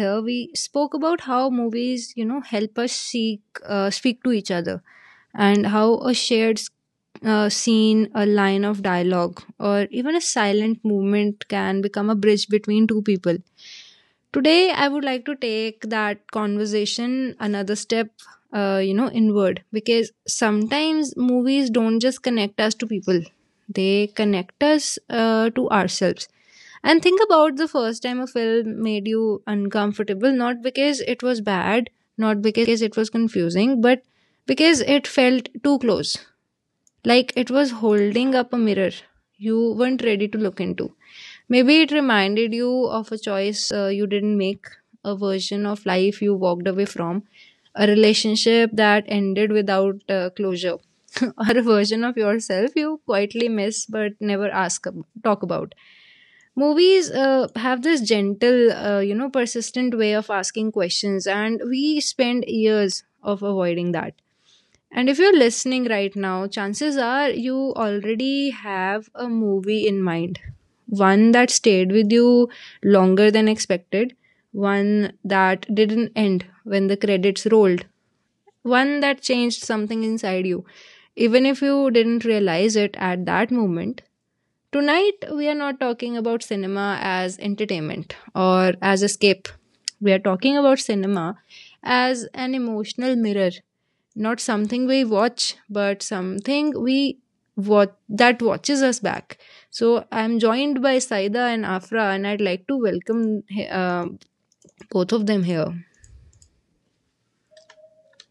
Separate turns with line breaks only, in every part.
here, we spoke about how movies, help us seek, speak to each other, and how a shared scene, a line of dialogue, or even a silent movement can become a bridge between two people. Today, I would like to take that conversation another step, inward, because sometimes movies don't just connect us to people, they connect us to ourselves. And think about the first time a film made you uncomfortable, not because it was bad, not because it was confusing, but because it felt too close, like it was holding up a mirror you weren't ready to look into. Maybe it reminded you of a choice you didn't make, a version of life you walked away from, a relationship that ended without closure, or a version of yourself you quietly miss but never talk about. Movies have this gentle, persistent way of asking questions, and we spend years of avoiding that. And if you're listening right now, chances are you already have a movie in mind. One that stayed with you longer than expected, one that didn't end when the credits rolled, one that changed something inside you, even if you didn't realize it at that moment. Tonight, we are not talking about cinema as entertainment or as escape. We are talking about cinema as an emotional mirror, not something we watch, but something we, what, that watches us back. So I'm joined by Saida and Afra, and I'd like to welcome uh, both of them here.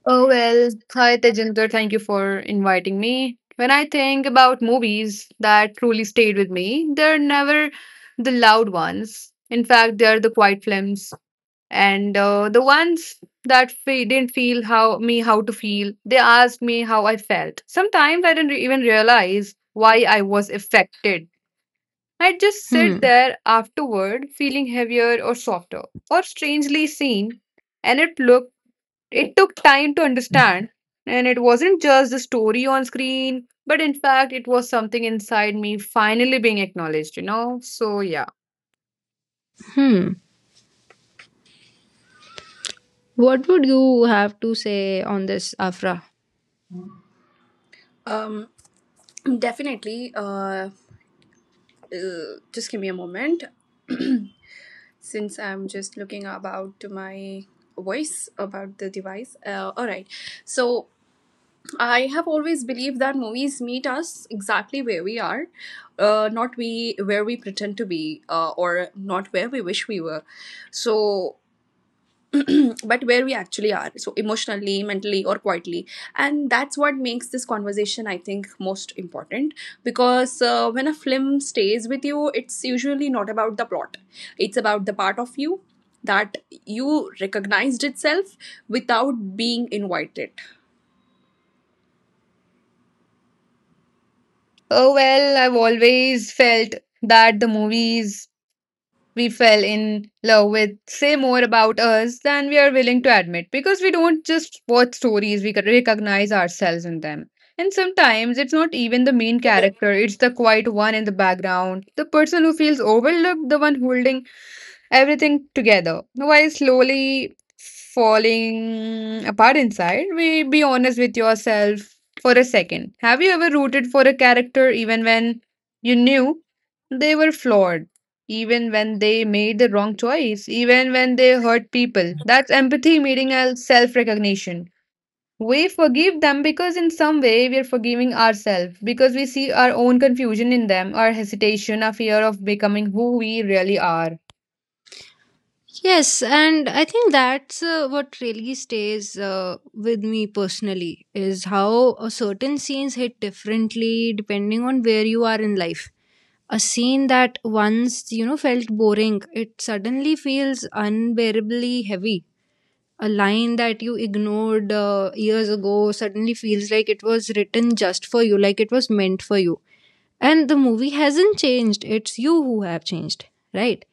Oh, well, hi Tejinder, thank you for inviting me. When I think about movies that truly stayed with me, they're never the loud ones. In fact, they're the quiet films, and the ones that didn't feel how me how to feel. They asked me how I felt. Sometimes I didn't even realize why I was affected. I'd just sit
hmm
there afterward feeling heavier or softer or strangely seen, and it looked it took time to understand, and it wasn't just the story on screen, but in fact, it was something inside me finally being acknowledged? So, yeah.
hmm what would you have to say on this, Afra?
Um, Definitely. Just give me a moment since I'm just looking about to my voice about the device. All right. So I have always believed that movies meet us exactly where we are, not we where we pretend to be, or not where we wish we were. So but where we actually are, so emotionally, mentally, or quietly. And that's what makes this conversation, I think, most important. Because when a film stays with you, it's usually not about the plot, it's about the part of you that you recognized itself without being invited.
Oh, well, I've always felt that the movies we fell in love with say more about us than we are willing to admit, because we don't just watch stories, we can recognize ourselves in them. And sometimes it's not even the main character, it's the quiet one in the background, the person who feels overlooked, the one holding everything together while slowly falling apart inside. We be honest with yourself for a second. Have you ever rooted for a character even when you knew they were flawed? Even when they made the wrong choice, even when they hurt people. That's empathy meeting a self recognition. We forgive them because, in some way, we are forgiving ourselves, because we see our own confusion in them, our hesitation, our fear of becoming who we really are.
Yes, and I think that's what really stays with me personally is how certain scenes hit differently depending on where you are in life. A scene that once, you know, felt boring, it suddenly feels unbearably heavy. A line that you ignored years ago suddenly feels like it was written just for you, like it was meant for you. And the movie hasn't changed, it's you who have changed, right?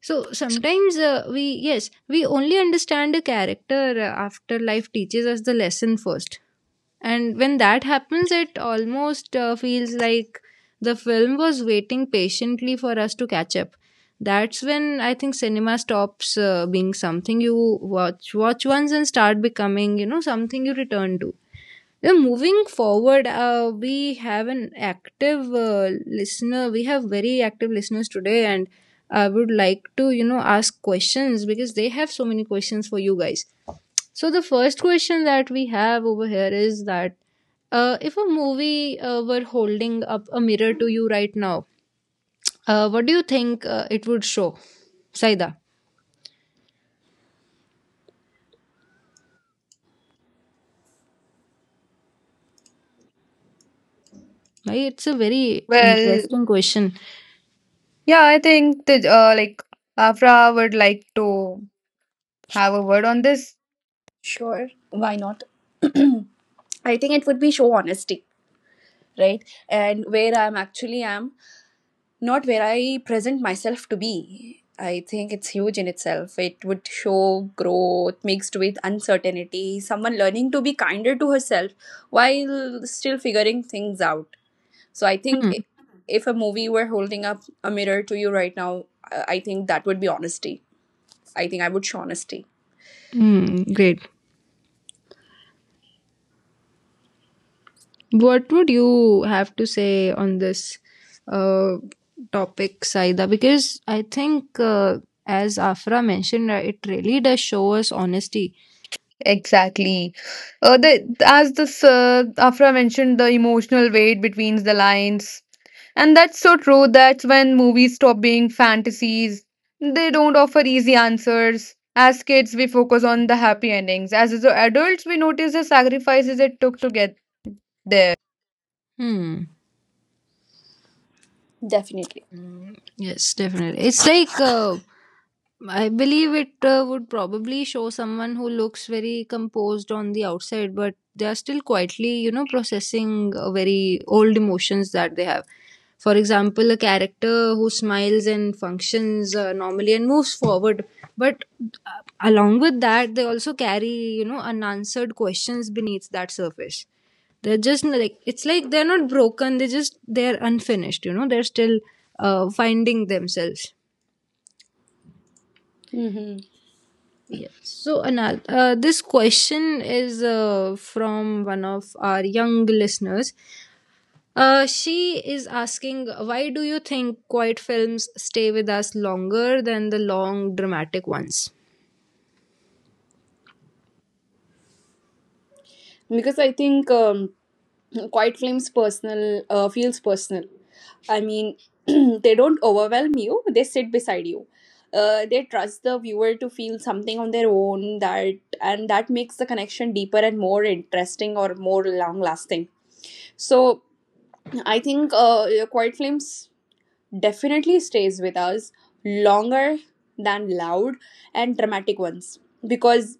So sometimes yes, we only understand a character after life teaches us the lesson first. And when that happens, it almost feels like the film was waiting patiently for us to catch up. That's when I think cinema stops being something you watch once and start becoming, you know, something you return to. Yeah, moving forward, we have an active listener. We have very active listeners today, and I would like to, you know, ask questions because they have so many questions for you guys. So the first question that we have over here is that if a movie were holding up a mirror to you right now, what do you think it would show, Saida? Right? It's a very
Well,
interesting question.
yeah, I think that like Afra would like to have a word on this.
Sure, why not. I think it would be show honesty, right, and where I'm actually am not where I present myself to be. I think it's huge in itself. It would show growth mixed with uncertainty, someone learning to be kinder to herself while still figuring things out. So I think,
Hmm.
if a movie were holding up a mirror to you right now, I think that would be honesty. I think I would show honesty.
Hmm. Great. What would you have to say on this uh, topic, Saida? Because I think, as Afra mentioned, it really does show us honesty.
Exactly. The as this Afra mentioned, the emotional weight between the lines, and that's so true. That's when movies stop being fantasies. They don't offer easy answers. As kids, we focus on the happy endings. As adults, we notice the sacrifices it took to get there.
Hmm.
Definitely.
Yes, definitely. It's like I believe it would probably show someone who looks very composed on the outside, but they are still quietly, you know, processing very old emotions that they have. For example, a character who smiles and functions normally and moves forward, but along with that, they also carry, you know, unanswered questions beneath that surface. They're just like, it's like they're not broken, they just, they're unfinished, you know, they're still finding themselves.
Hmm.
Yes. So, Anal, this question is from one of our young listeners. She is asking, why do you think quiet films stay with us longer than the long dramatic ones?
Because I think, quiet flames personal, feels personal. I mean, they don't overwhelm you; they sit beside you. They trust the viewer to feel something on their own, that and that makes the connection deeper and more interesting or more long lasting. So I think, quiet flames definitely stays with us longer than loud and dramatic ones, because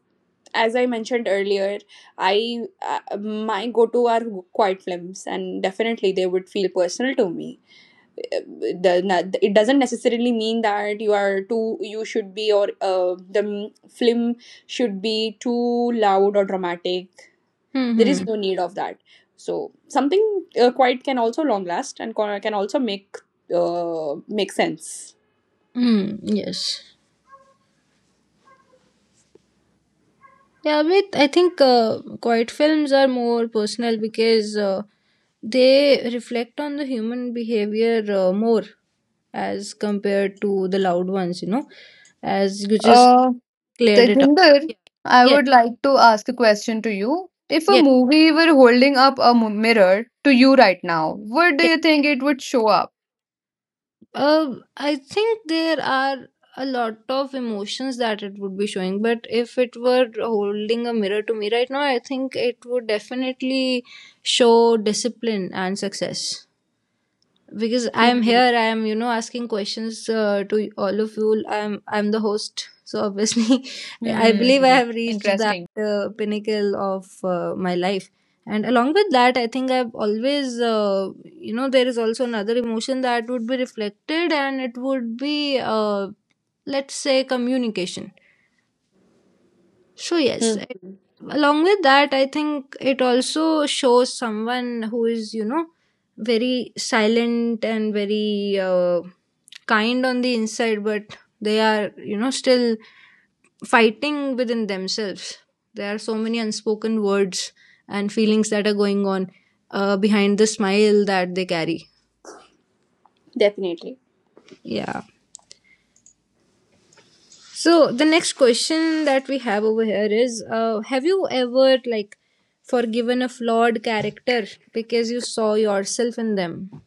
as I mentioned earlier, I, my go-to are quiet films, and definitely they would feel personal to me. Uh, it doesn't necessarily mean that you are too you should be, or the film should be too loud or dramatic. There
Mm-hmm.
is no need of that. So something, quiet can also long last, and can also make sense.
Yes. Yeah, but I think quiet films are more personal because they reflect on the human behavior more as compared to the loud ones, you know. As you just
Uh,
cleared it out.
Tejinder,
Yeah.
I
Yes,
would like to ask a question to you. If a
yes,
movie were holding up a mirror to you right now, what do
yes.
you think it would show up?
I think there are a lot of emotions that it would be showing, but if it were holding a mirror to me right now, I think it would definitely show discipline and success, because I am here.
Mhm.
I am, you know, asking questions to all of you. I'm the host, so obviously, I believe I
Hmm,
have reached that
interesting.
pinnacle of my life. And along with that, I think I've always, there is also another emotion that would be reflected, and it would be, let's say, communication. So yes,
Hmm.
it, along with that, I think it also shows someone who is, you know, very silent and very kind on the inside, but they are, you know, still fighting within themselves. There are so many unspoken words and feelings that are going on behind the smile that they carry.
Definitely.
Yeah. So the next question that we have over here is, have you ever, like, forgiven a flawed character because you saw yourself in them?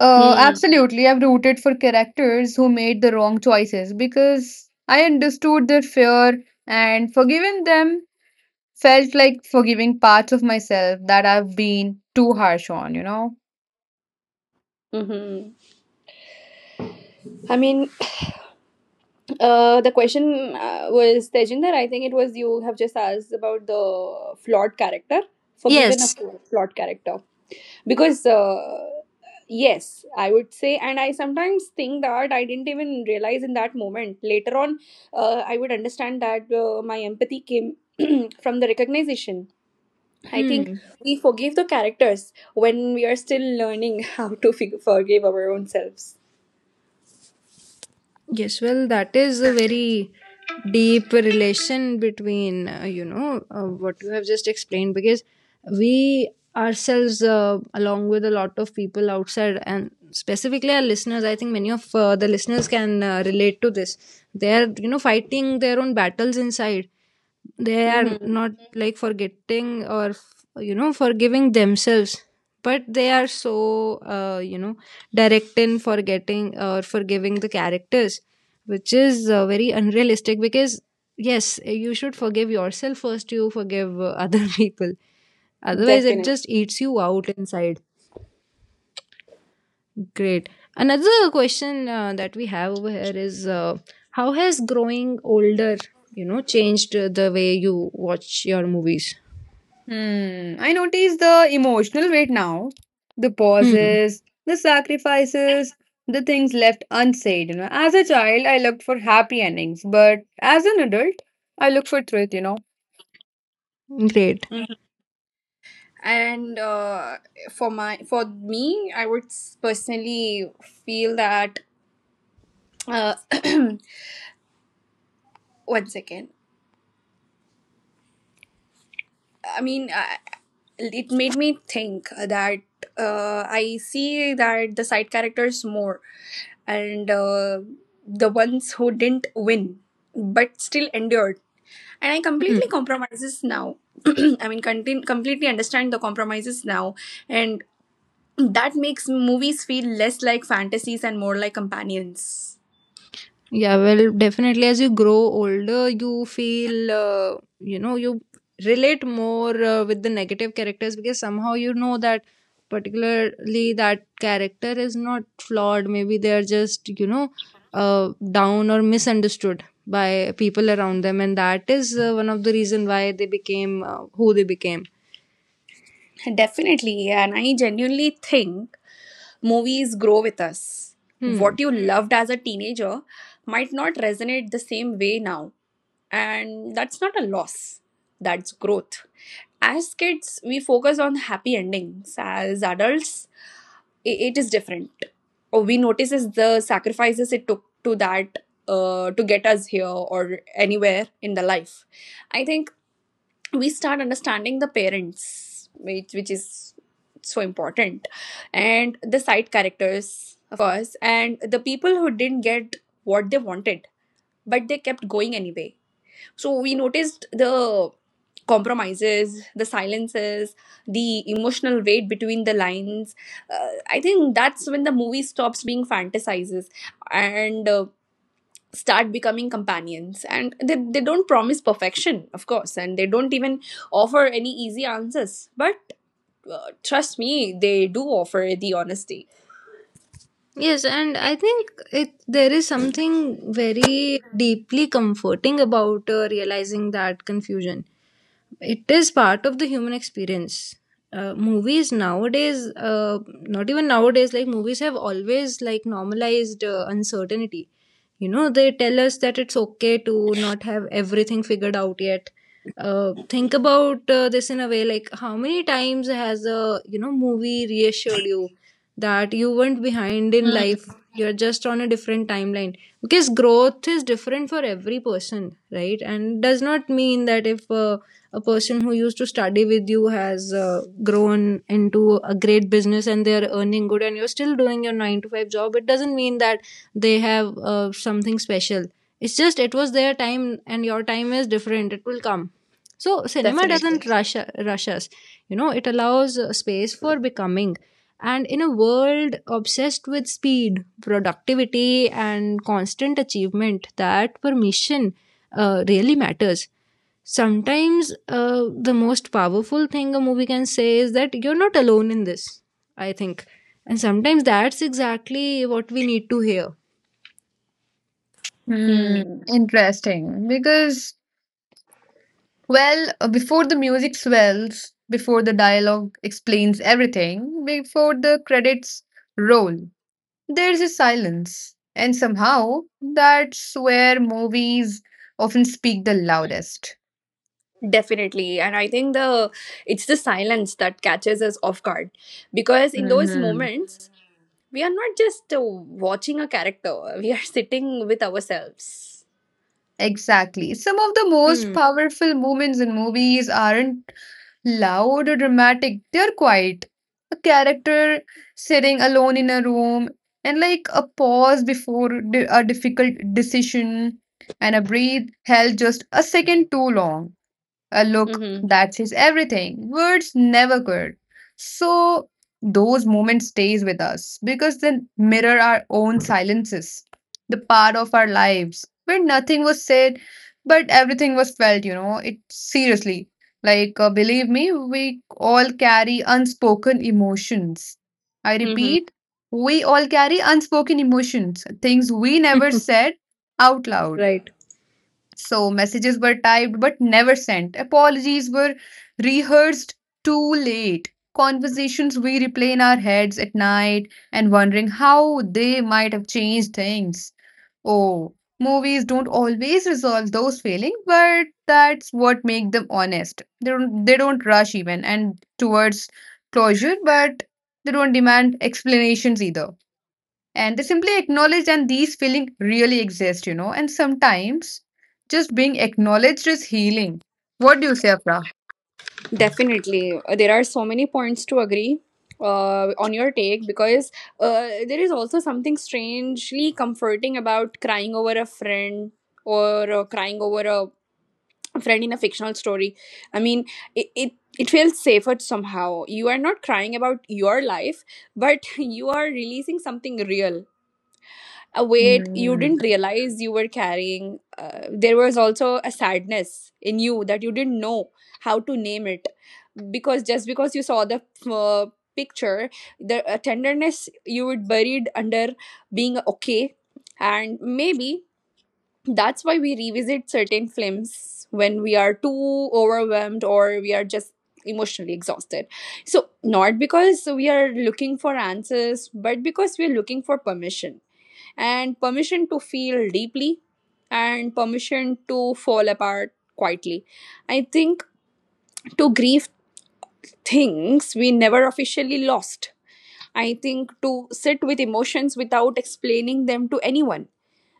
Hmm.
Absolutely. I've rooted for characters who made the wrong choices because I understood their fear, and forgiving them felt like forgiving parts of myself that I've been too harsh on?
Hmm. I mean. The question, was Tejinder. I think it was you have just asked about the flawed character, forgiven a
Yes,
flawed character, because yes, I would say, and I sometimes think that I didn't even realize in that moment. Later on, I would understand that, my empathy came from the recognition. I think
Hmm.
we forgive the characters when we are still learning how to forgive our own selves.
Yes, well, that is a very deep relation between, what you have just explained, because we ourselves, along with a lot of people outside and specifically our listeners, I think many of the listeners can relate to this. They are, you know, fighting their own battles inside. They are
Mm-hmm.
not like forgetting or, you know, forgiving themselves, but they are so direct in forgetting or forgiving the characters, which is very unrealistic, because yes, you should forgive yourself first, you forgive other people, otherwise it
Definitely.
just eats you out inside. Great. Another question that we have over here is, how has growing older, you know, changed the way you watch your movies?
Hmm, I notice the emotional weight now. The
Hmm.
pauses, the sacrifices, the things left unsaid. You know, as a child, I looked for happy endings, but as an adult, I look for truth. You know.
Great.
And for me I would personally feel that, uh, one second, I mean, I, it made me think that, I see that the side characters more, and the ones who didn't win but still endured, and I completely compromises now, I mean, completely understand the compromises now. And. That makes movies feel less like fantasies and more like companions.
Yeah, well, definitely as you grow older, you feel, you relate more with the negative characters, because somehow you know that particularly that character is not flawed. Maybe they're just, you know, down or misunderstood by people around them. And that is one of the reason why they became who they became.
Definitely, and I genuinely think movies grow with us.
Hmm.
What you loved as a teenager might not resonate the same way now, and that's not a loss, that's growth. As kids, we focus on happy endings, as adults, it is different. Or we notices the sacrifices it took to that, to get us here or anywhere in the life. I think we start understanding the parents, which is so important, and the side characters of course, and the people who didn't get what they wanted but they kept going anyway. So we noticed the compromises, the silences, the emotional weight between the lines. I think that's when the movie stops being fantasizes and start becoming companions. And they don't promise perfection of course, and they don't even offer any easy answers. But trust me, they do offer the honesty.
Yes, and I think it, there is something very deeply comforting about realizing that confusion. It is part of the human experience. Movies nowadays, not even nowadays, like movies have always, like, normalized uncertainty. You know, they tell us that it's okay to not have everything figured out yet. Think about this in a way, like how many times has a, you know, movie reassured you that you weren't behind in
Mm,
life, you're just on a different timeline, because growth is different for every person, right? And does not mean that if a person who used to study with you has grown into a great business and they're earning good and you're still doing your 9 to 5 job, it doesn't mean that they have something special. It's just, it was their time and your time is different, it will come. So cinema
definitely.
doesn't rush us, you know, it allows space for becoming, and in a world obsessed with speed, productivity and constant achievement, that permission really matters. Sometimes the most powerful thing a movie can say is that you're not alone in this, I think, and sometimes that's exactly what we need to hear.
Hmm,
Hmm,
interesting. Because, well, before the music swells, before the dialogue explains everything, before the credits roll, there's a silence. And somehow, that's where movies often speak the loudest.
definitely. And I think the it's the silence that catches us off guard, because in those
Mhm.
moments we are not just watching a character, we are sitting with ourselves.
Exactly. Some of the most
Hmm.
powerful moments in movies aren't loud or dramatic, they're quiet. A character sitting alone in a room, and like a pause before a difficult decision, and a breath held just a second too long. A look
Mm-hmm.
that says everything. Words never could. So those moments stays with us because they mirror our own silences, the part of our lives where nothing was said, but everything was felt. You know, it seriously. Like believe me, we all carry unspoken emotions. I
Mm-hmm.
repeat, we all carry unspoken emotions, things we never said out loud,
Right.
so messages were typed but never sent. Apologies were rehearsed too late. Conversations we replay in our heads at night, and wondering how they might have changed things. Oh, movies don't always resolve those feelings, but that's what makes them honest. They don't rush even and towards closure, but they don't demand explanations either, and they simply acknowledge and these feelings really exist, you know? And sometimes just being acknowledged is healing. What do you say, Afra?
Definitely. There are so many points to agree, on your take, because there is also something strangely comforting about crying over a friend, or crying over a friend in a fictional story. I mean, it, it, it feels safer somehow. You are not crying about your life, but you are releasing something real, a weight you
Hmm.
didn't realize you were carrying. There was also a sadness in you that you didn't know how to name it, because just because you saw the, uh, picture, the, tenderness you were buried under being okay. And maybe that's why we revisit certain films when we are too overwhelmed or we are just emotionally exhausted. So, not because we are looking for answers, but because we are looking for permission, and permission to feel deeply, and permission to fall apart quietly. I think to grieve things we never officially lost. I think to sit with emotions without explaining them to anyone.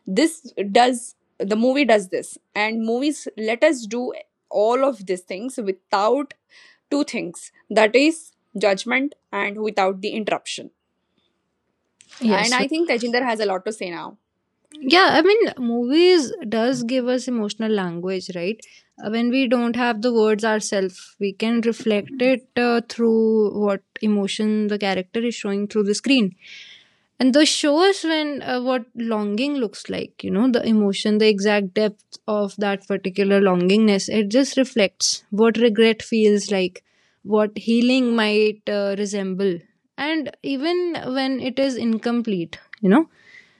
This does the movie does this, and movies let us do all of these things without two things, that is judgment and without the interruption. And
Yes,
I think Tejinder has a lot to say now.
yeah, I mean, movies does give us emotional language, right? When we don't have the words ourselves, we can reflect it through what emotion the character is showing through the screen, and the shows when what longing looks like, you know, the emotion, the exact depth of that particular longingness, it just reflects what regret feels like, what healing might resemble, and even when it is incomplete, you know,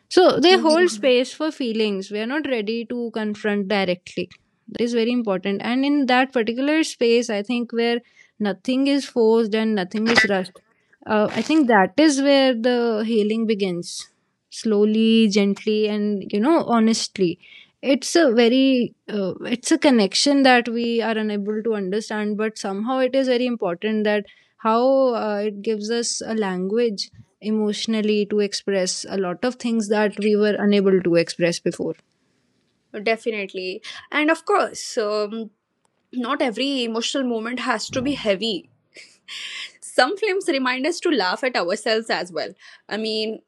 so they hold
Mhm.
space for feelings we are not ready to confront directly. That is very important. And in that particular space, I think, where nothing is forced and nothing is rushed, I think that is where the healing begins, slowly, gently, and, you know, honestly. It's a very, it's a connection that we are unable to understand, but somehow it is very important that how it gives us a language emotionally to express a lot of things that we were unable to express before.
Definitely. And of course, not every emotional moment has to be heavy. Some films remind us to laugh at ourselves as well. I mean,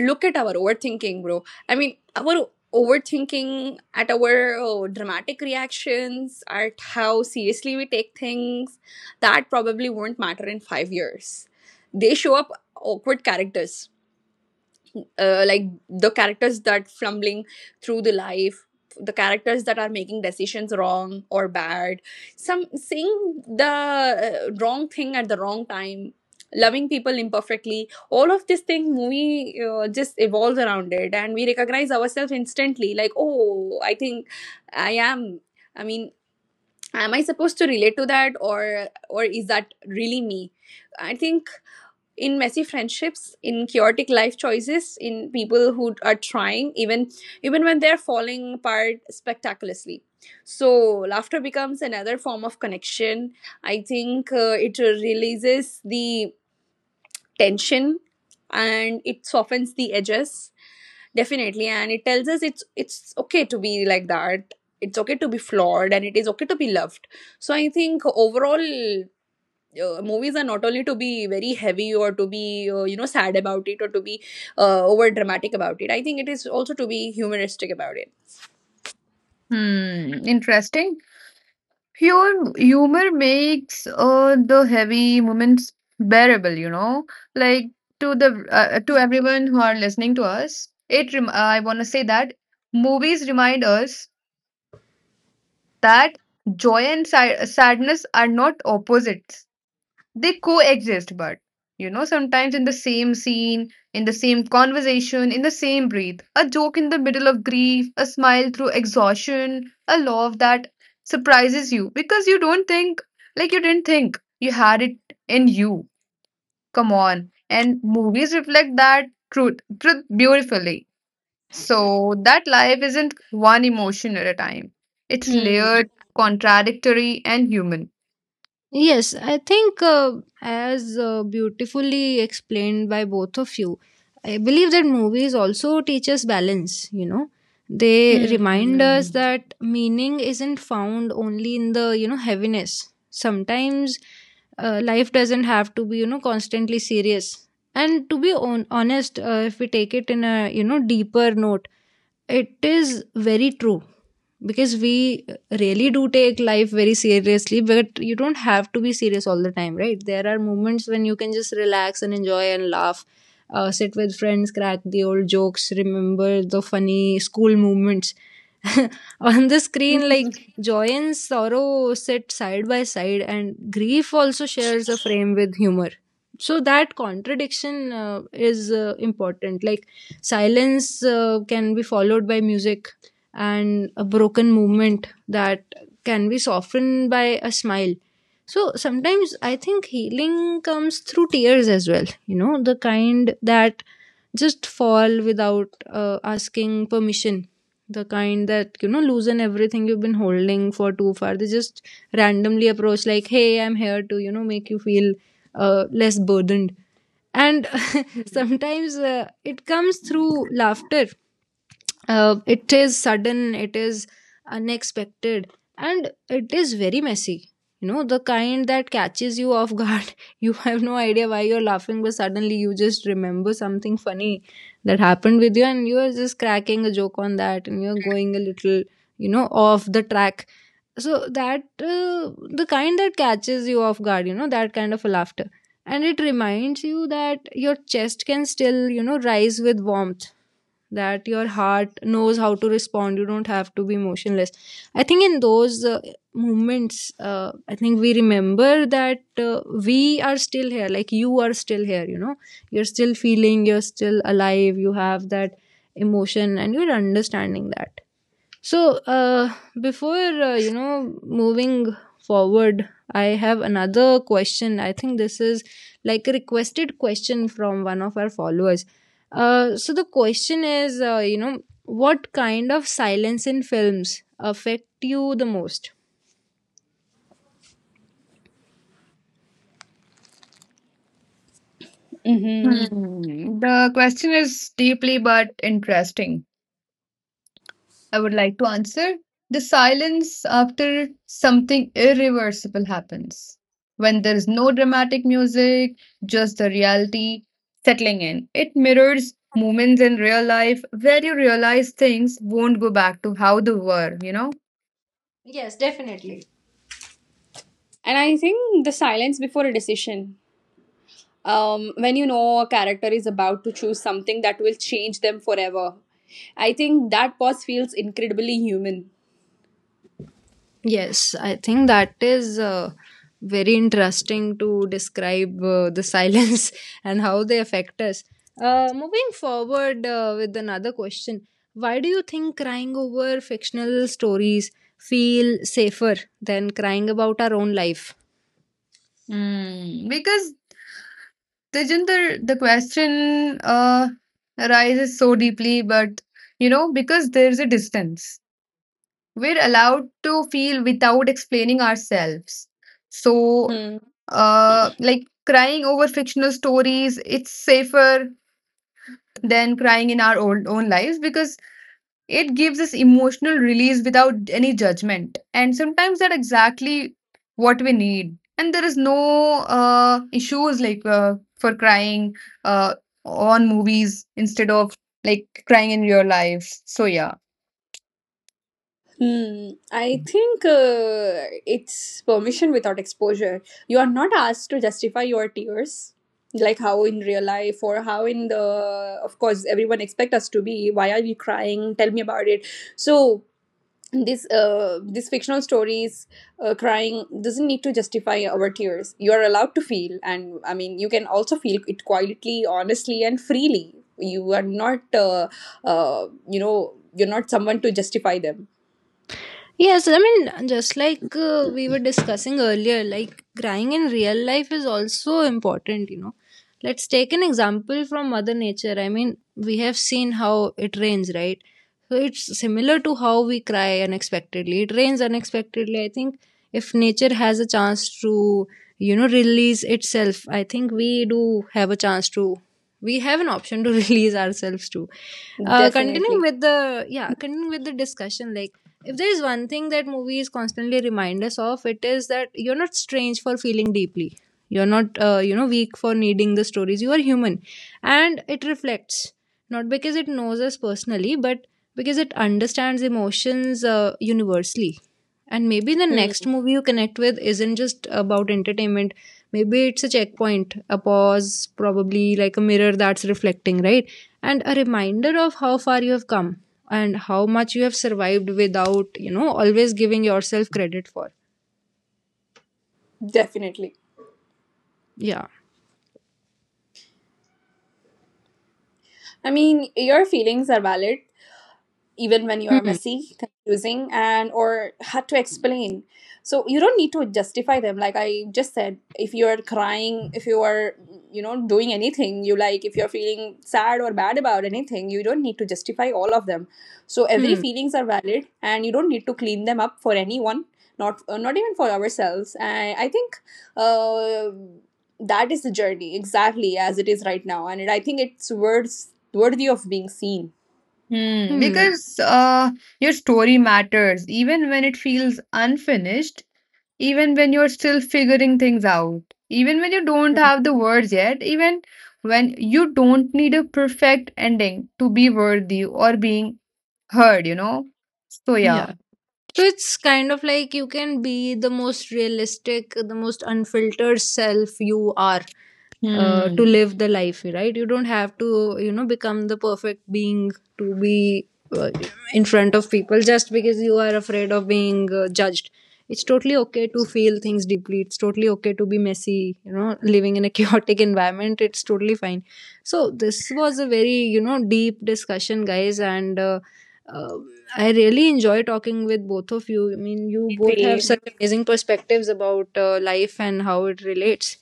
look at our overthinking, bro. I mean, our overthinking, at our, oh, dramatic reactions, at how seriously we take things, that probably won't matter in 5 years. They show up awkward characters, like the characters that fumbling through the life, the characters that are making decisions wrong or bad, some saying the, wrong thing at the wrong time, loving people imperfectly. All of this thing movie, just evolves around it, and we recognize ourselves instantly, like, oh, I think I am, I mean, am I supposed to relate to that? Or is that really me? I think in messy friendships, in chaotic life choices, in people who are trying, even when they're falling apart spectacularly. So laughter becomes another form of connection, I think. It releases the tension and it softens the edges. Definitely. And it tells us it's okay to be like that, it's okay to be flawed, and it is okay to be loved. So I think overall, movies are not only to be very heavy, or to be, sad about it, or to be, over dramatic about it. I think it is also to be humoristic about it.
Hmm, interesting. Pure humor makes the heavy moments bearable, you know? Like to the to everyone who are listening to us, it I want to say that movies remind us that joy and sadness are not opposites, they coexist, but you know, sometimes in the same scene, in the same conversation, in the same breath. A joke in the middle of grief, a smile through exhaustion, a laugh that surprises you because you didn't think you had it in you. Come on, and movies reflect that truth truth beautifully, so that life isn't one emotion at a time, it's
Hmm.
layered, contradictory, and human.
Yes, I think as beautifully explained by both of you, I believe that movies also teach us balance, you know. They
Hmm.
remind us that meaning isn't found only in the, you know, heaviness. Sometimes life doesn't have to be, you know, constantly serious. And to be honest, if we take it in a, deeper note, it is very true because we really do take life very seriously, but you don't have to be serious all the time, right? There are moments when you can just relax and enjoy and laugh, sit with friends, crack the old jokes, remember the funny school moments. On the screen, like joy and sorrow sit side by side, and grief also shares a frame with humor. So that contradiction is important. Like silence can be followed by music, and a broken movement that can be softened by a smile. So sometimes I think healing comes through tears as well, you know, the kind that just fall without asking permission. The kind that, loosen everything you've been holding for too far. They just randomly approach, like, hey, I'm here to, make you feel less burdened, and sometimes it comes through laughter. It is sudden, it is unexpected, and it is very messy, you know, the kind that catches you off guard. You have no idea why you're laughing, but suddenly you just remember something funny that happened with you, and you're just cracking a joke on that, and you're going a little, you know, off the track. So that the kind that catches you off guard, you know, that kind of a laughter, and it reminds you that your chest can still, you know, rise with warmth, that your heart knows how to respond. You don't have to be motionless. I think in those moments I think we remember that we are still here. Like, you are still here, you know, you're still feeling, you're still alive, you have that emotion, and you're understanding that. So, before moving forward, I have another question. I think this is like a requested question from one of our followers. So the question is, what kind of silence in films affect you the most?
Hmm.
Hmm. The question is deeply but interesting. I would like to answer the silence after something irreversible happens. When there is no dramatic music, just the reality settling in. It mirrors moments in real life where you realize things won't go back to how they were, you know?
Yes, definitely.
And I think the silence before a decision. When you know a character is about to choose something that will change them forever, I think that pause feels incredibly human.
Yes, I think that is very interesting to describe the silence and how they affect us. Moving forward with another question. Why do you think crying over fictional stories feel safer than crying about our own life?
Hmm. Because Tejinder, the question arises so deeply, but you know, because there's a distance. We're allowed to feel without explaining ourselves. So,
Hmm.
like crying over fictional stories, it's safer than crying in our own, own lives, because it gives us emotional release without any judgment. And sometimes that's exactly what we need. And there is no issues like for crying uh, on movies instead of like crying in real life. So, yeah.
Hmm, I think, it's permission without exposure. You are not asked to justify your tears, like how in real life or how in the. Of course, everyone expect us to be. Why are you crying? Tell me about it. So this fictional stories, crying doesn't need to justify our tears. You are allowed to feel. And I mean, you can also feel it quietly, honestly, and freely. You are not, you're not someone to justify them.
Yes, I mean, just like we were discussing earlier, like crying in real life is also important, you know. Let's take an example from Mother Nature. I mean, we have seen how it rains, right? So it's similar to how we cry unexpectedly. It rains unexpectedly. I think if nature has a chance to, release itself, I think we do have a chance to, we have an option to release ourselves too. Continuing
Definitely.
with the, yeah, continuing with the discussion, like, if there is one thing that movies constantly remind us of, it is that you're not strange for feeling deeply. You're not weak for needing the stories. You are human, and it reflects not because it knows us personally, but because it understands emotions universally. And maybe the next
Hmm,
movie you connect with isn't just about entertainment. Maybe it's a checkpoint, a pause, probably like a mirror that's reflecting right, and a reminder of how far you have come and how much you have survived without, you know, always giving yourself credit for.
definitely.
Yeah.
I mean, your feelings are valid. Even when you are
Hmm.
messy, confusing, and or hard to explain. So you don't need to justify them, like I just said. If you are crying, if you are, doing anything you like, if you're feeling sad or bad about anything, you don't need to justify all of them. So every
Hmm.
feelings are valid, and you don't need to clean them up for anyone, not even for ourselves. And I think, uh, that is the journey exactly as it is right now. And I think it's worthy of being seen.
Hmm,
Hmm.
because your story matters, even when it feels unfinished, even when you're still figuring things out, even when you don't have the words yet, even when you don't need a perfect ending to be worthy or being heard, you know? So, yeah.
Yeah. So it's kind of like you can be the most realistic, the most unfiltered self you are to
Hmm.
live the life, right? You don't have to, you know, become the perfect being to be uh, in front of people just because you are afraid of being judged. It's totally okay to feel things deeply. It's totally okay to be messy, you know, living in a chaotic environment. It's totally fine. So this was a very, you know, deep discussion, guys, and uh, I really enjoy talking with both of you. I mean, you both have
Same.
such amazing perspectives about life and how it relates.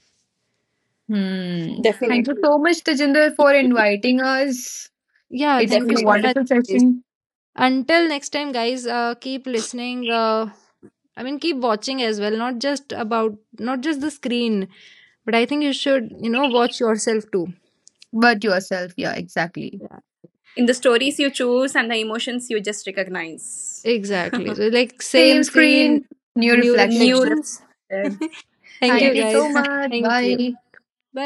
Hmm.
So,
Thank you
Definitely.
so much, Tajinder, for inviting us.
yeah,
It's
thank you
been a
so
Definitely.
much,
wonderful
guys.
session.
Until next time, guys, keep listening. I mean, keep watching as well, not just about, not just the screen, but I think you should, watch yourself too.
But yourself, yeah, exactly.
Yeah.
In the stories you choose and the emotions you just recognize.
Exactly. So, like, same
Same
screen,
screen, new
new
New.
reflection.
reflections. Thank
Thank
you,
you
Yes.
so
guys.
much.
Thank you.
Bye.
Bye.